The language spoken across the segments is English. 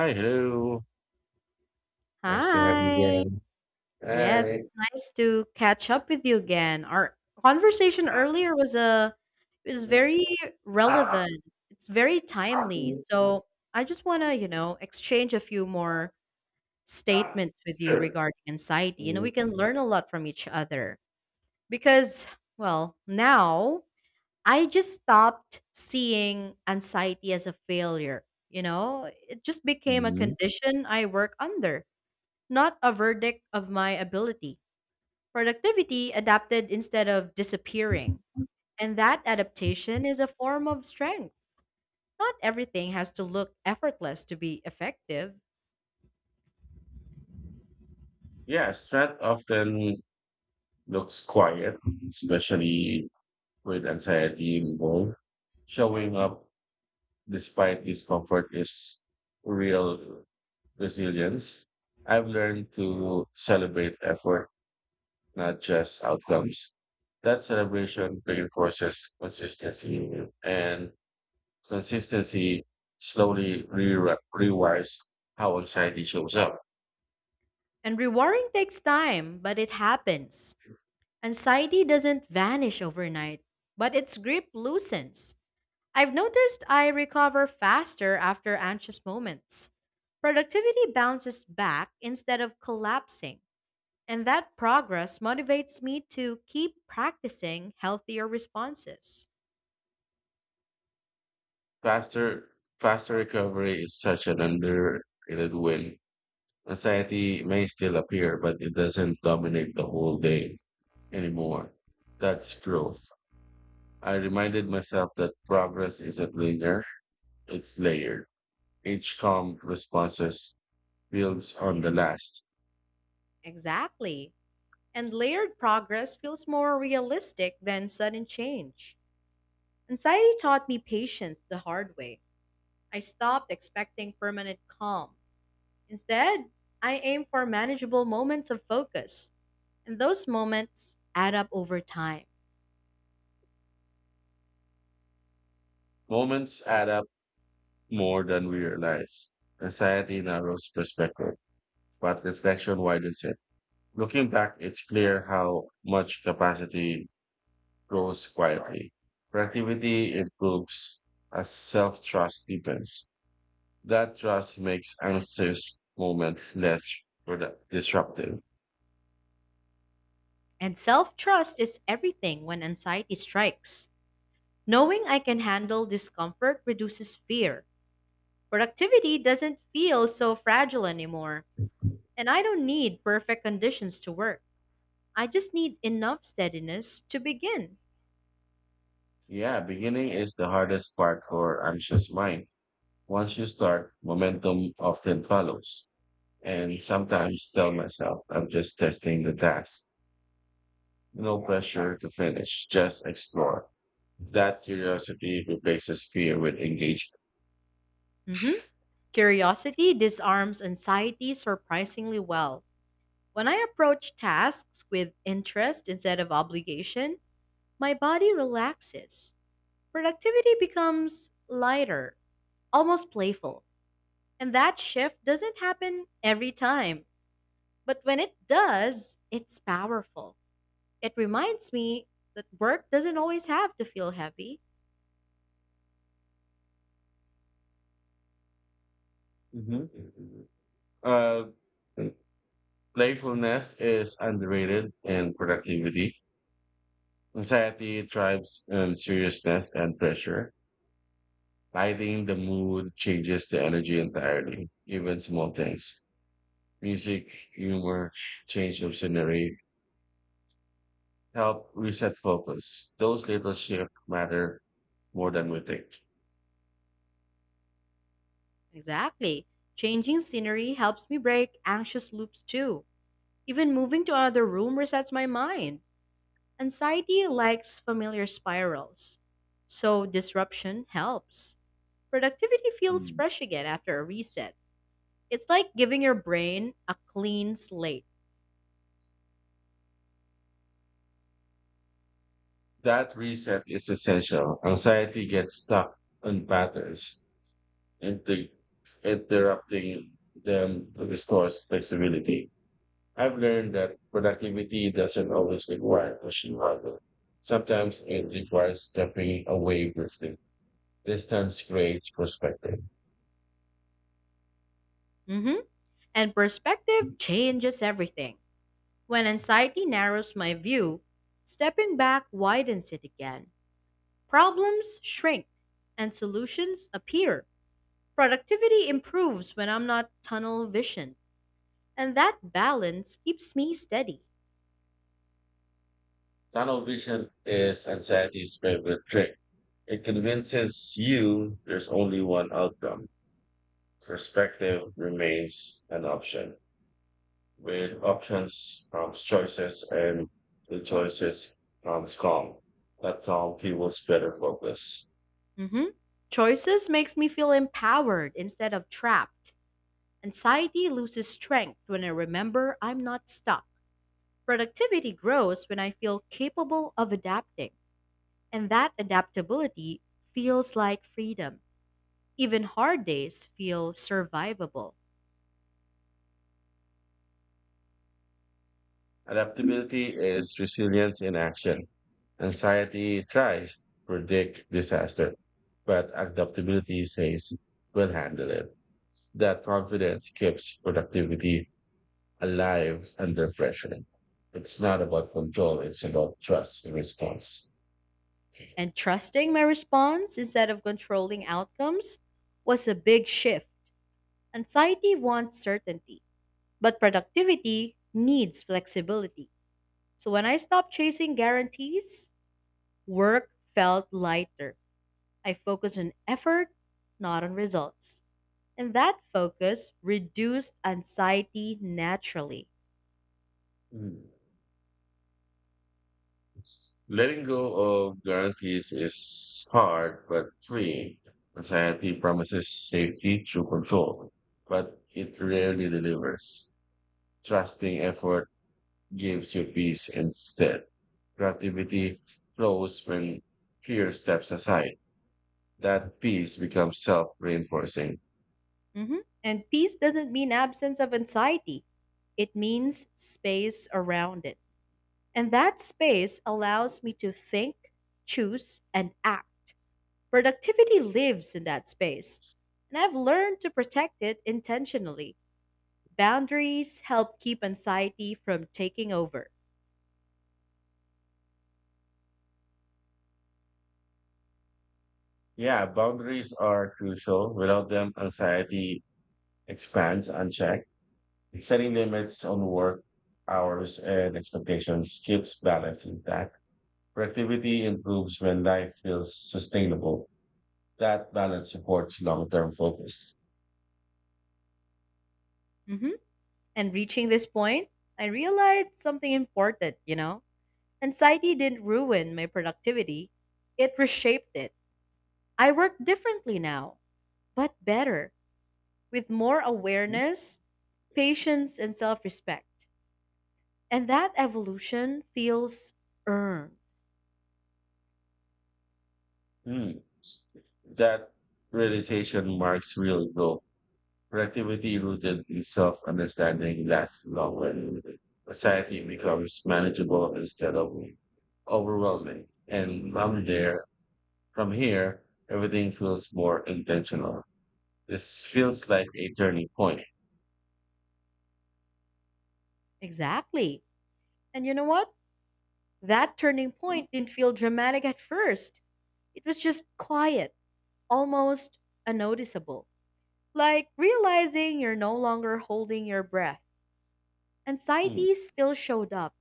Hi, hello. Nice to have Hi. you Yes, again. it's nice to catch up with you again. Our conversation earlier was a was very Hi. relevant. It's very timely. So I just want to, exchange a few more statements with you Sure. regarding anxiety. You know, we can learn a lot from each other because, well, now I just stopped seeing anxiety as a failure. You know, it just became a Mhm. condition I work under, not a verdict of my ability. Productivity adapted instead of disappearing. And that adaptation is a form of strength. Not everything has to look effortless to be effective. Yeah, stress often looks quiet, especially with anxiety involved. Showing up despite discomfort is real resilience. I've learned to celebrate effort, not just outcomes. That celebration reinforces consistency slowly rewires how anxiety shows up. And rewiring takes time, but it happens. Anxiety doesn't vanish overnight, but its grip loosens. I've noticed I recover faster after anxious moments. Productivity bounces back instead of collapsing. And that progress motivates me to keep practicing healthier responses. Faster, faster recovery is such an underrated win. Anxiety may still appear, but it doesn't dominate the whole day anymore. That's growth. I reminded myself that progress isn't linear, it's layered. Each calm responses builds on the last. Exactly. And layered progress feels more realistic than sudden change. Anxiety taught me patience the hard way. I stopped expecting permanent calm. Instead, I aim for manageable moments of focus, and those moments add up over time. Moments add up more than we realize. Anxiety narrows perspective but reflection widens it. Looking back, it's clear how much capacity grows quietly. Creativity improves as self trust deepens. That trust makes anxious moments less disruptive. And self trust is everything when anxiety strikes. Knowing I can handle discomfort reduces fear. Productivity doesn't feel so fragile anymore, and I don't need perfect conditions to work. I just need enough steadiness to begin. Yeah, beginning is the hardest part for anxious mind. Once you start, momentum often follows. And sometimes tell myself, I'm just testing the task. No pressure to finish, just explore. That curiosity replaces fear with engagement. Mhm. Curiosity disarms anxiety surprisingly well. When I approach tasks with interest instead of obligation, my body relaxes. Productivity becomes lighter, almost playful. And that shift doesn't happen every time, but when it does, it's powerful. It reminds me that work doesn't always have to feel heavy. Mhm. Uh, Playfulness is underrated in productivity. Anxiety thrives in seriousness and pressure. Lighting the mood changes the energy entirely, even small things. Music, humor, change of scenery help reset focus. Those little shifts matter more than we think. Exactly. Changing scenery helps me break anxious loops too. Even moving to another room resets my mind. Anxiety likes familiar spirals. So disruption helps. Productivity feels Mm. fresh again after a reset. It's like giving your brain a clean slate. That reset is essential. Anxiety gets stuck on patterns, and interrupting them restores flexibility. I've learned that productivity doesn't always require pushing harder. Sometimes it requires stepping away briefly. Distance creates perspective. Hmm. And perspective changes everything. When anxiety narrows my view, stepping back widens it again. Problems shrink and solutions appear. Productivity improves when I'm not tunnel vision, and that balance keeps me steady. Tunnel vision is anxiety's favorite trick. It convinces you there's only one outcome. Perspective remains an option. With options, choices, and the choices comes calm. That calm fuels better focus. Mhm. Choices makes me feel empowered instead of trapped. Anxiety loses strength when I remember I'm not stuck. Productivity grows when I feel capable of adapting, and that adaptability feels like freedom. Even hard days feel survivable. Adaptability is resilience in action. Anxiety tries to predict disaster, but adaptability says we'll handle it. That confidence keeps productivity alive under pressure. It's not about control, it's about trust and response. And trusting my response instead of controlling outcomes was a big shift. Anxiety wants certainty, but productivity needs flexibility. So when I stopped chasing guarantees, work felt lighter. I focused on effort, not on results. And that focus reduced anxiety naturally. Mm. Letting go of guarantees is hard but free. Anxiety promises safety through control, but it rarely delivers. Trusting effort gives you peace instead. Creativity flows when fear steps aside. That peace becomes self reinforcing. Mhm. And peace doesn't mean absence of anxiety, it means space around it. And that space allows me to think, choose, and act. Productivity lives in that space. And I've learned to protect it intentionally. Boundaries help keep anxiety from taking over. Yeah, boundaries are crucial. Without them, anxiety expands unchecked. Setting limits on work hours and expectations keeps balance intact. Productivity improves when life feels sustainable. That balance supports long term focus. Mhm. And reaching this point, I realized something important, you know? Anxiety didn't ruin my productivity, it reshaped it. I work differently now, but better, with more awareness, patience, and self respect. And that evolution feels earned. Hmm. That realization marks real growth. Productivity rooted in self understanding lasts longer. Society becomes manageable instead of overwhelming. And from here, everything feels more intentional. This feels like a turning point. Exactly. And you know what? That turning point didn't feel dramatic at first. It was just quiet, almost unnoticeable. Like realizing you're no longer holding your breath. Hmm. Anxiety still showed up,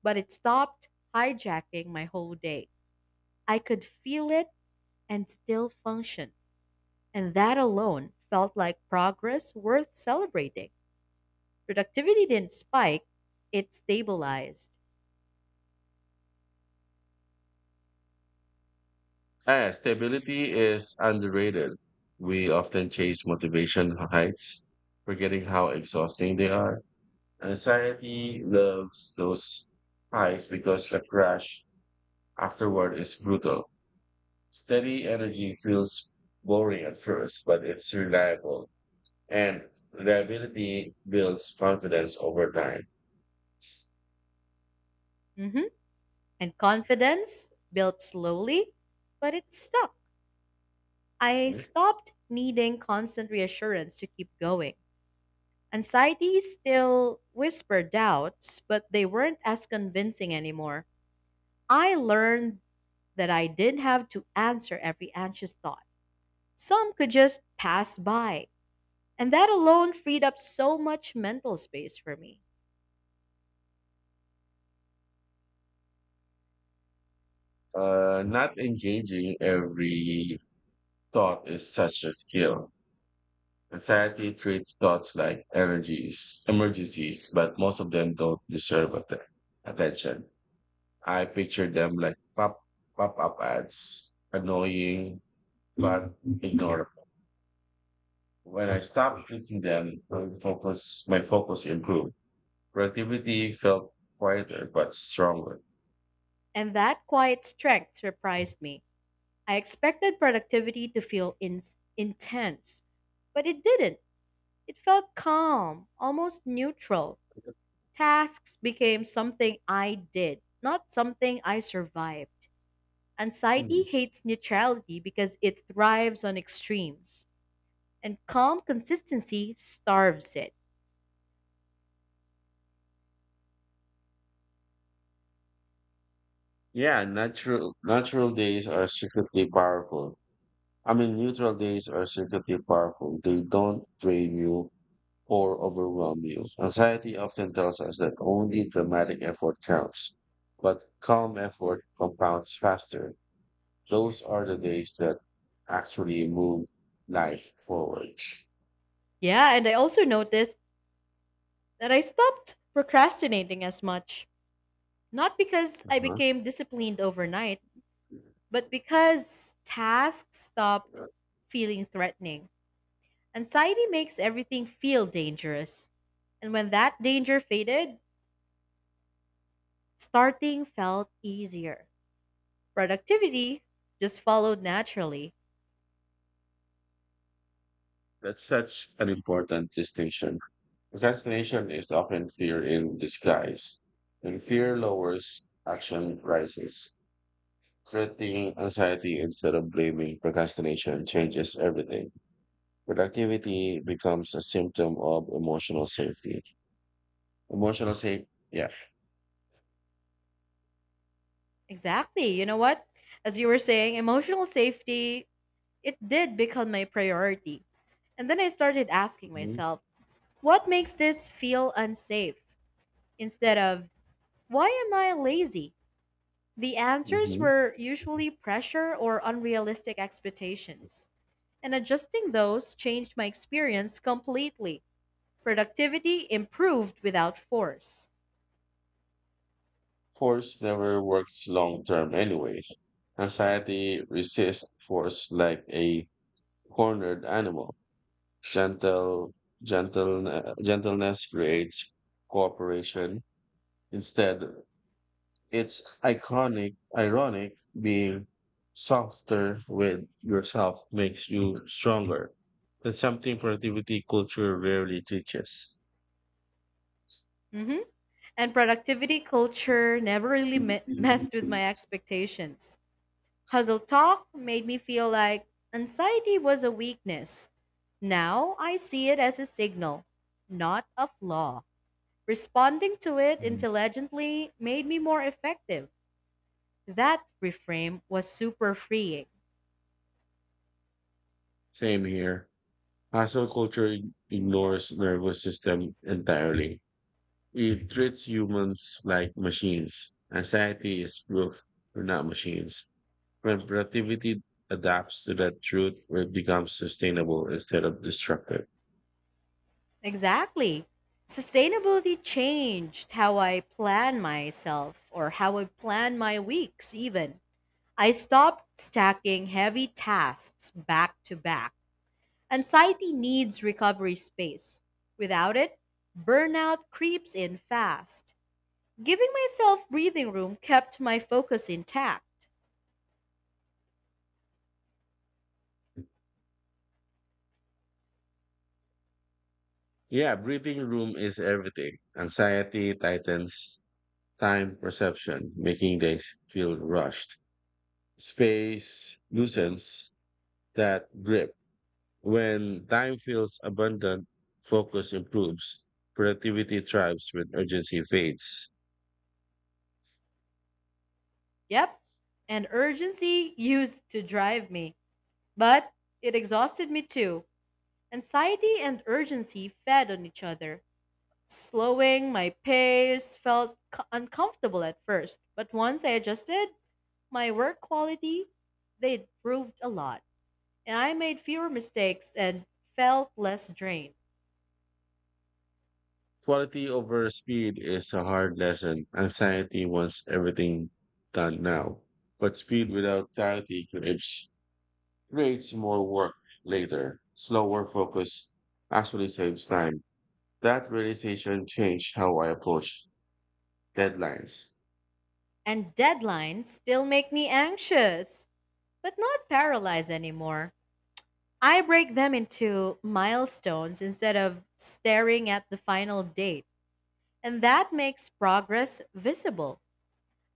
but it stopped hijacking my whole day. I could feel it and still function. And that alone felt like progress worth celebrating. Productivity didn't spike, it stabilized. Ah, stability is underrated. We often chase motivation heights, forgetting how exhausting they are. Anxiety loves those highs because the crash afterward is brutal. Steady energy feels boring at first, but it's reliable, and reliability builds confidence over time. Hmm. And confidence built slowly, but it stuck. I stopped needing constant reassurance to keep going. Anxiety still whispered doubts, but they weren't as convincing anymore. I learned that I didn't have to answer every anxious thought. Some could just pass by. And that alone freed up so much mental space for me. Not engaging every thought is such a skill. Society treats thoughts like emergencies, but most of them don't deserve attention. I picture them like pop up ads, annoying but ignorable. When I stopped treating them, my focus improved. Productivity felt quieter but stronger. And that quiet strength surprised me. I expected productivity to feel intense, but it didn't. It felt calm, almost neutral. Tasks became something I did, not something I survived. Hmm. Anxiety hates neutrality because it thrives on extremes, and calm consistency starves it. Yeah, natural days are secretly powerful. I mean, neutral days are secretly powerful. They don't drain you or overwhelm you. Anxiety often tells us that only dramatic effort counts, but calm effort compounds faster. Those are the days that actually move life forward. Yeah, and I also noticed that I stopped procrastinating as much. Not because I Uh-huh. became disciplined overnight, but because tasks stopped feeling threatening. Anxiety makes everything feel dangerous. And when that danger faded, starting felt easier. Productivity just followed naturally. That's such an important distinction. Procrastination is often fear in disguise. When fear lowers, action rises. Treating anxiety instead of blaming procrastination changes everything. Productivity becomes a symptom of emotional safety. Emotional safety, yeah. Exactly. You know what? As you were saying, emotional safety, it did become my priority. And then I started asking Hmm. myself, what makes this feel unsafe? Instead of, why am I lazy? The answers Hmm. were usually pressure or unrealistic expectations, and adjusting those changed my experience completely. Productivity improved without force. Force never works long term anyway. Anxiety resists force like a cornered animal. Gentle, Gentleness creates cooperation. Instead, it's ironic being softer with yourself makes you stronger. That's something productivity culture rarely teaches. Mhm. And productivity culture never really messed with Mm. my expectations. Hustle talk made me feel like anxiety was a weakness. Now I see it as a signal, not a flaw. Responding to it intelligently made me more effective. That reframe was super freeing. Same here. Hustle culture ignores nervous system entirely. It treats humans like machines. Anxiety is proof we're not machines. When productivity adapts to that truth, it becomes sustainable instead of destructive. Exactly. Sustainability changed how I plan myself, or how I plan my weeks, even. I stopped stacking heavy tasks back to back. Anxiety needs recovery space. Without it, burnout creeps in fast. Giving myself breathing room kept my focus intact. Yeah, breathing room is everything. Anxiety tightens time perception, making days feel rushed. Space loosens that grip. When time feels abundant, focus improves. Productivity thrives when urgency fades. Yep, and urgency used to drive me, but it exhausted me too. Anxiety and urgency fed on each other. Slowing my pace felt uncomfortable at first, but once I adjusted my work quality, they improved a lot. And I made fewer mistakes and felt less drained. Quality over speed is a hard lesson. Anxiety wants everything done now, but speed without clarity creates more work later. Slower focus actually saves time. That realization changed how I approach deadlines. And deadlines still make me anxious, but not paralyzed anymore. I break them into milestones instead of staring at the final date, and that makes progress visible.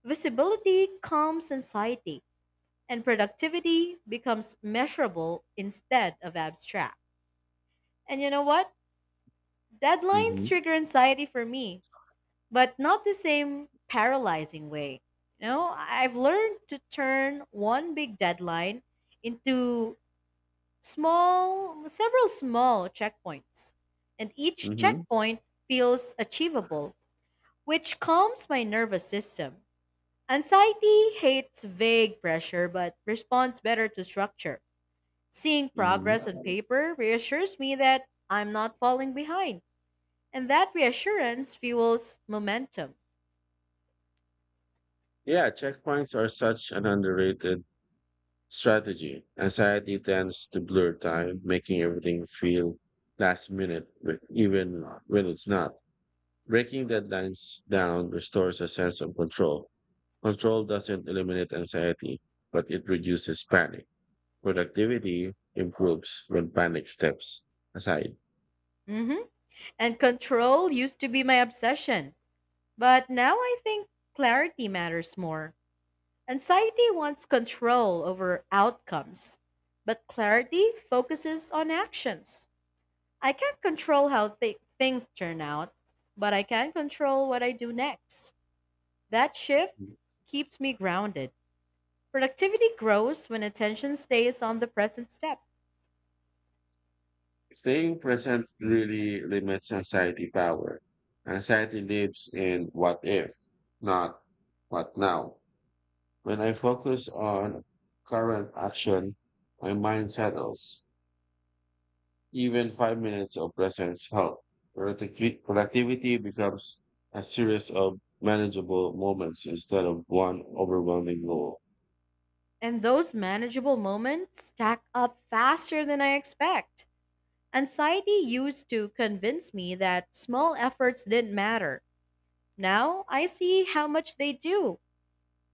Visibility calms anxiety, and productivity becomes measurable instead of abstract. And you know what? Deadlines Hmm. trigger anxiety for me, but not the same paralyzing way. You know, I've learned to turn one big deadline into several small checkpoints, and each Hmm. checkpoint feels achievable, which calms my nervous system. Anxiety hates vague pressure but responds better to structure. Seeing Hmm. progress on paper reassures me that I'm not falling behind, and that reassurance fuels momentum. Yeah, checkpoints are such an underrated strategy. Anxiety tends to blur time, making everything feel last minute, even when it's not. Breaking deadlines down restores a sense of control. Control doesn't eliminate anxiety, but it reduces panic. Productivity improves when panic steps aside. Hmm. And control used to be my obsession, but now I think clarity matters more. Anxiety wants control over outcomes, but clarity focuses on actions. I can't control how things turn out, but I can control what I do next. That shift keeps me grounded. Productivity grows when attention stays on the present step, Staying present really limits anxiety power. Anxiety lives in what if, not what now. When I focus on current action, my mind settles. Even 5 minutes of presence help. Productivity becomes a series of manageable moments instead of one overwhelming goal. and those manageable moments stack up faster than I expect. Anxiety used to convince me that small efforts didn't matter. Now I see how much they do.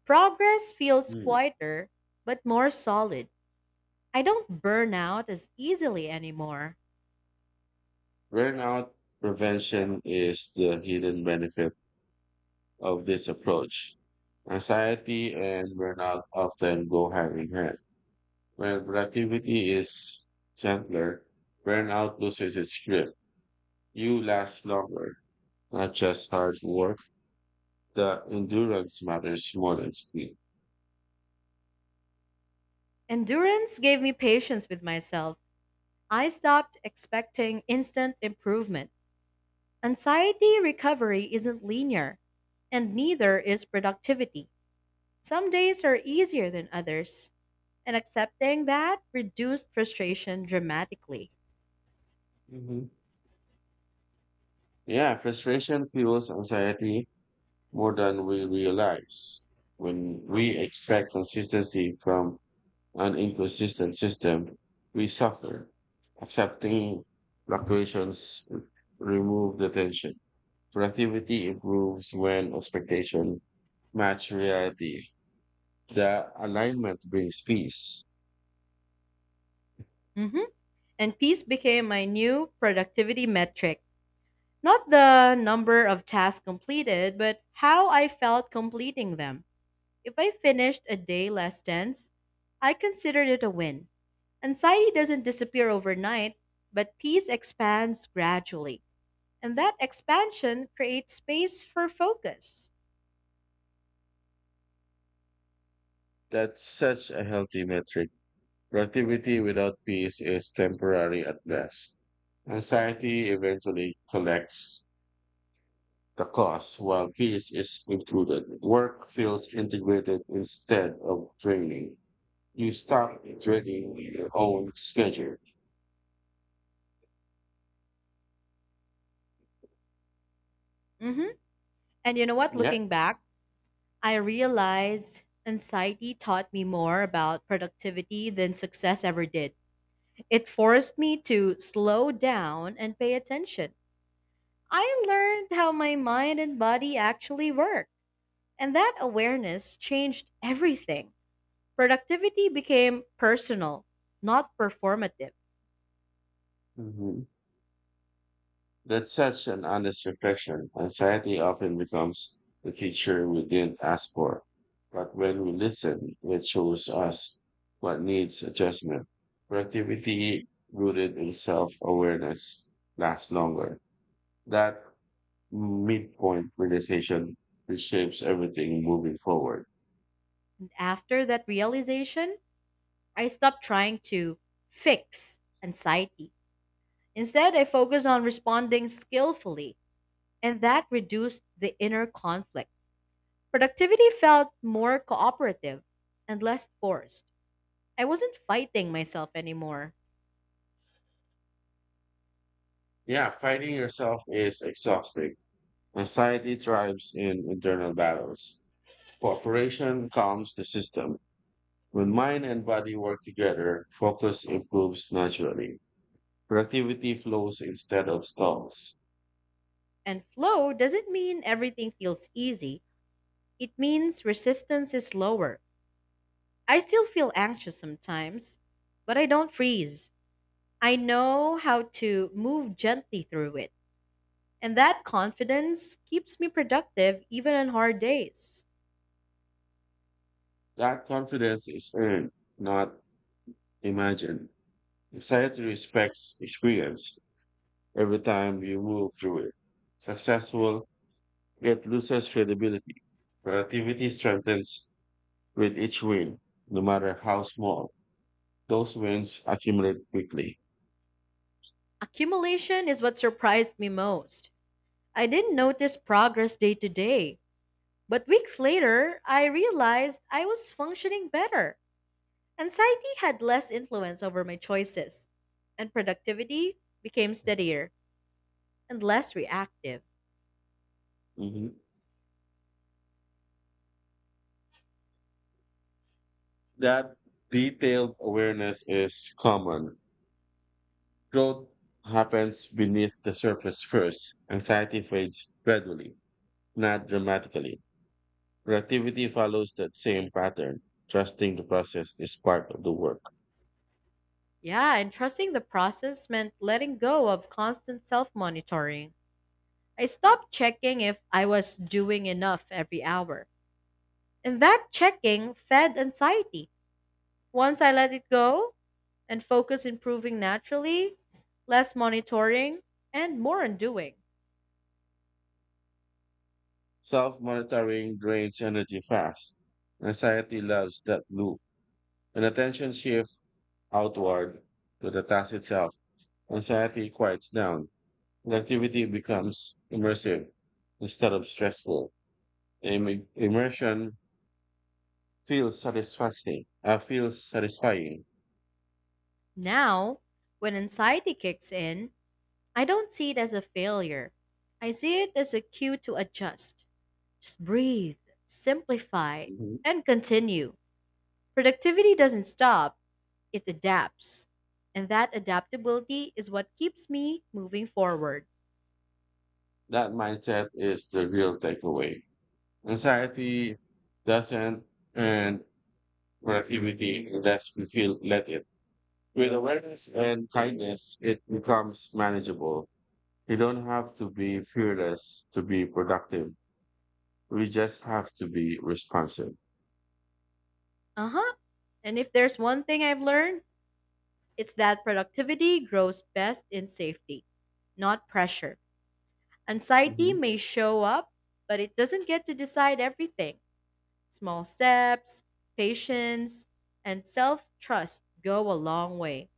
Progress feels Hmm. quieter, but more solid. I don't burn out as easily anymore. Burnout prevention is the hidden benefit of this approach. Anxiety and burnout often go hand in hand. When productivity is gentler, burnout loses its grip. You last longer, not just hard work. The endurance matters more than speed. Endurance gave me patience with myself. I stopped expecting instant improvement. Anxiety recovery isn't linear, and neither is productivity. Some days are easier than others, and accepting that reduced frustration dramatically. Mhm. Yeah, frustration fuels anxiety more than we realize. When we expect consistency from an inconsistent system, we suffer. Accepting fluctuations remove the tension. Productivity improves when expectation match reality. The alignment brings peace. Mhm. And peace became my new productivity metric. Not the number of tasks completed, but how I felt completing them. If I finished a day less tense, I considered it a win. Anxiety doesn't disappear overnight, but peace expands gradually. And that expansion creates space for focus. That's such a healthy metric. Productivity without peace is temporary at best. Anxiety eventually collects the cost, while peace is included. Work feels integrated instead of draining. You stop draining your own schedule. Hmm. And you know what? Yeah. Looking back, I realize anxiety taught me more about productivity than success ever did. It forced me to slow down and pay attention. I learned how my mind and body actually work, and that awareness changed everything. Productivity became personal, not performative. Mhm. That's such an honest reflection. Anxiety often becomes the teacher we didn't ask for. But when we listen, it shows us what needs adjustment. Productivity rooted in self-awareness lasts longer. That midpoint realization reshapes everything moving forward. After that realization, I stopped trying to fix anxiety. Instead, I focused on responding skillfully, and that reduced the inner conflict. Productivity felt more cooperative and less forced. I wasn't fighting myself anymore. Yeah, fighting yourself is exhausting. Anxiety thrives in internal battles. Cooperation calms the system. When mind and body work together, focus improves naturally. Productivity flows instead of stalls. And flow doesn't mean everything feels easy, it means resistance is lower. I still feel anxious sometimes, but I don't freeze. I know how to move gently through it. And that confidence keeps me productive even on hard days. That confidence is earned, not imagined. Anxiety respects experience every time you move through it. Successful, yet loses credibility. Productivity strengthens with each win, no matter how small. Those wins accumulate quickly. Accumulation is what surprised me most. I didn't notice progress day to day, but weeks later, I realized I was functioning better. Anxiety had less influence over my choices, and productivity became steadier and less reactive. Mhm. That detailed awareness is common. Growth happens beneath the surface first. Anxiety fades gradually, not dramatically. Productivity follows that same pattern. Trusting the process is part of the work. Yeah, and trusting the process meant letting go of constant self monitoring. I stopped checking if I was doing enough every hour. And that checking fed anxiety. Once I let it go and focus improving naturally, less monitoring, and more on doing. Self monitoring drains energy fast. Anxiety loves that loop. When attention shifts outward to the task itself, anxiety quiets down. Productivity becomes immersive instead of stressful. Immersion feels satisfying. Now, when anxiety kicks in, I don't see it as a failure. I see it as a cue to adjust. Just breathe, simplify, Mhm. and continue. Productivity doesn't stop, it adapts. And that adaptability is what keeps me moving forward. That mindset is the real takeaway. Anxiety doesn't earn productivity unless we feel let it. With awareness and kindness, it becomes manageable. You don't have to be fearless to be productive. We just have to be responsive. Uh huh. And if there's one thing I've learned, it's that productivity grows best in safety, not pressure. Anxiety Mhm. may show up, but it doesn't get to decide everything. Small steps, patience, and self trust go a long way.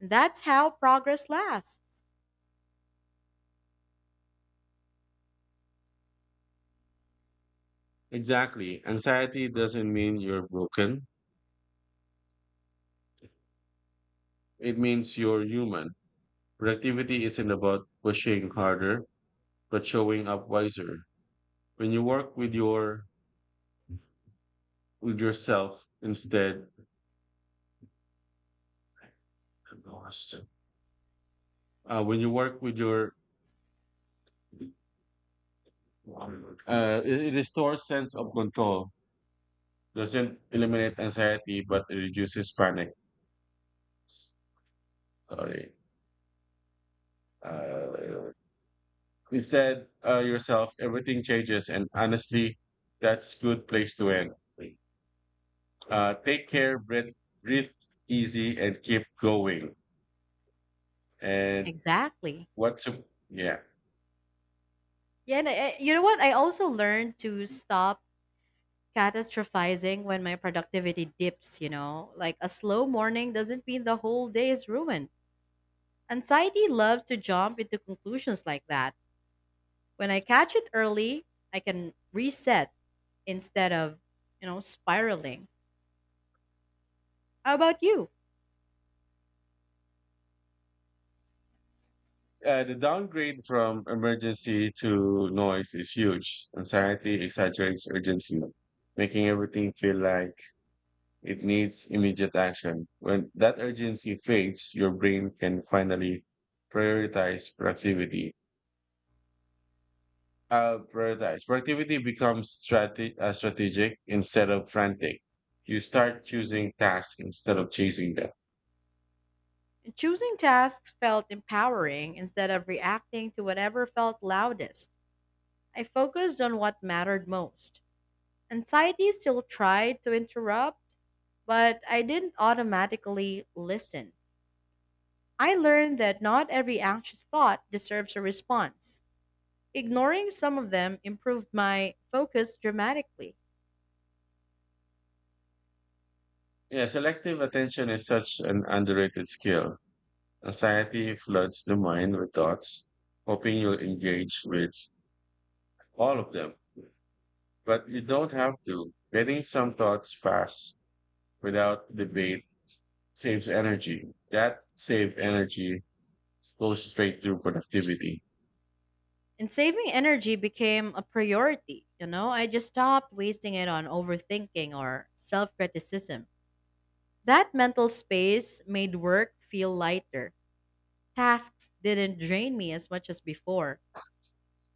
That's how progress lasts. Exactly. Anxiety doesn't mean you're broken. It means you're human. Productivity isn't about pushing harder, but showing up wiser. When you work with yourself instead. When you work with your, It restores sense of control. Doesn't eliminate anxiety, but it reduces panic. Sorry. Uh, Instead, yourself, everything changes, and honestly, that's good place to end. Take care, breathe easy, and keep going. And Exactly. what's a, yeah. Yeah, and you know what? I also learned to stop catastrophizing when my productivity dips, you know? Like a slow morning doesn't mean the whole day is ruined. Anxiety loves to jump into conclusions like that. When I catch it early, I can reset instead of, you know, spiraling. How about you? The downgrade from emergency to noise is huge. Anxiety exaggerates urgency, making everything feel like it needs immediate action. When that urgency fades, your brain can finally prioritize productivity. Prioritize productivity becomes strategic instead of frantic. You start choosing tasks instead of chasing them. Choosing tasks felt empowering instead of reacting to whatever felt loudest. I focused on what mattered most. Anxiety still tried to interrupt, but I didn't automatically listen. I learned that not every anxious thought deserves a response. Ignoring some of them improved my focus dramatically. Yeah, selective attention is such an underrated skill. Anxiety floods the mind with thoughts, hoping you'll engage with all of them. But you don't have to. Getting some thoughts pass without debate saves energy. That saved energy goes straight to productivity. And saving energy became a priority. You know, I just stopped wasting it on overthinking or self criticism. That mental space made work feel lighter. Tasks didn't drain me as much as before.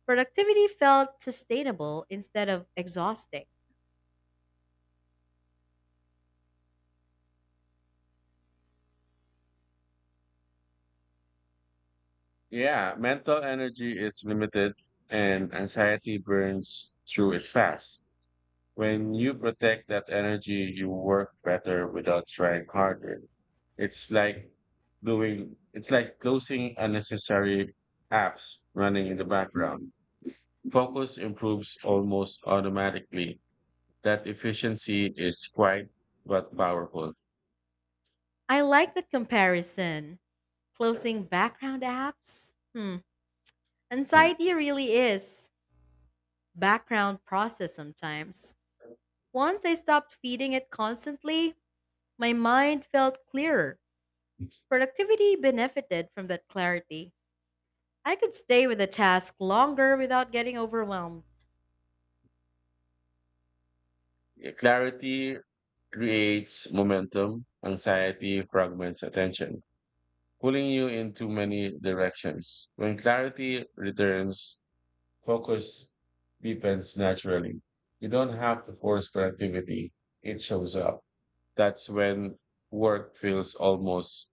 Productivity felt sustainable instead of exhausting. Yeah, mental energy is limited and anxiety burns through it fast. When you protect that energy, you work better without trying harder. It's like it's like closing unnecessary apps running in the background. Focus improves almost automatically. That efficiency is quite but powerful. I like the comparison. Closing background apps? Hmm. Hmm. Anxiety really is background process sometimes. Once I stopped feeding it constantly, my mind felt clearer. Productivity benefited from that clarity. I could stay with a task longer without getting overwhelmed. Clarity creates momentum, anxiety fragments attention, pulling you in too many directions. When clarity returns, focus deepens naturally. You don't have to force productivity. It shows up. That's when work feels almost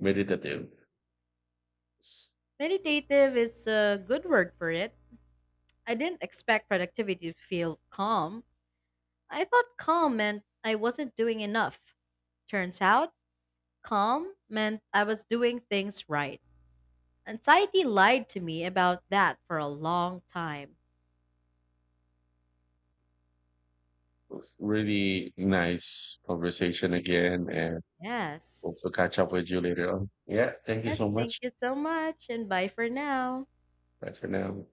meditative. Meditative is a good word for it. I didn't expect productivity to feel calm. I thought calm meant I wasn't doing enough. Turns out, calm meant I was doing things right. Anxiety lied to me about that for a long time. Really nice conversation again and Yes. hope to catch up with you later on. Yeah. Thank you Yes, so thank much. you so much and bye for now. Bye for now.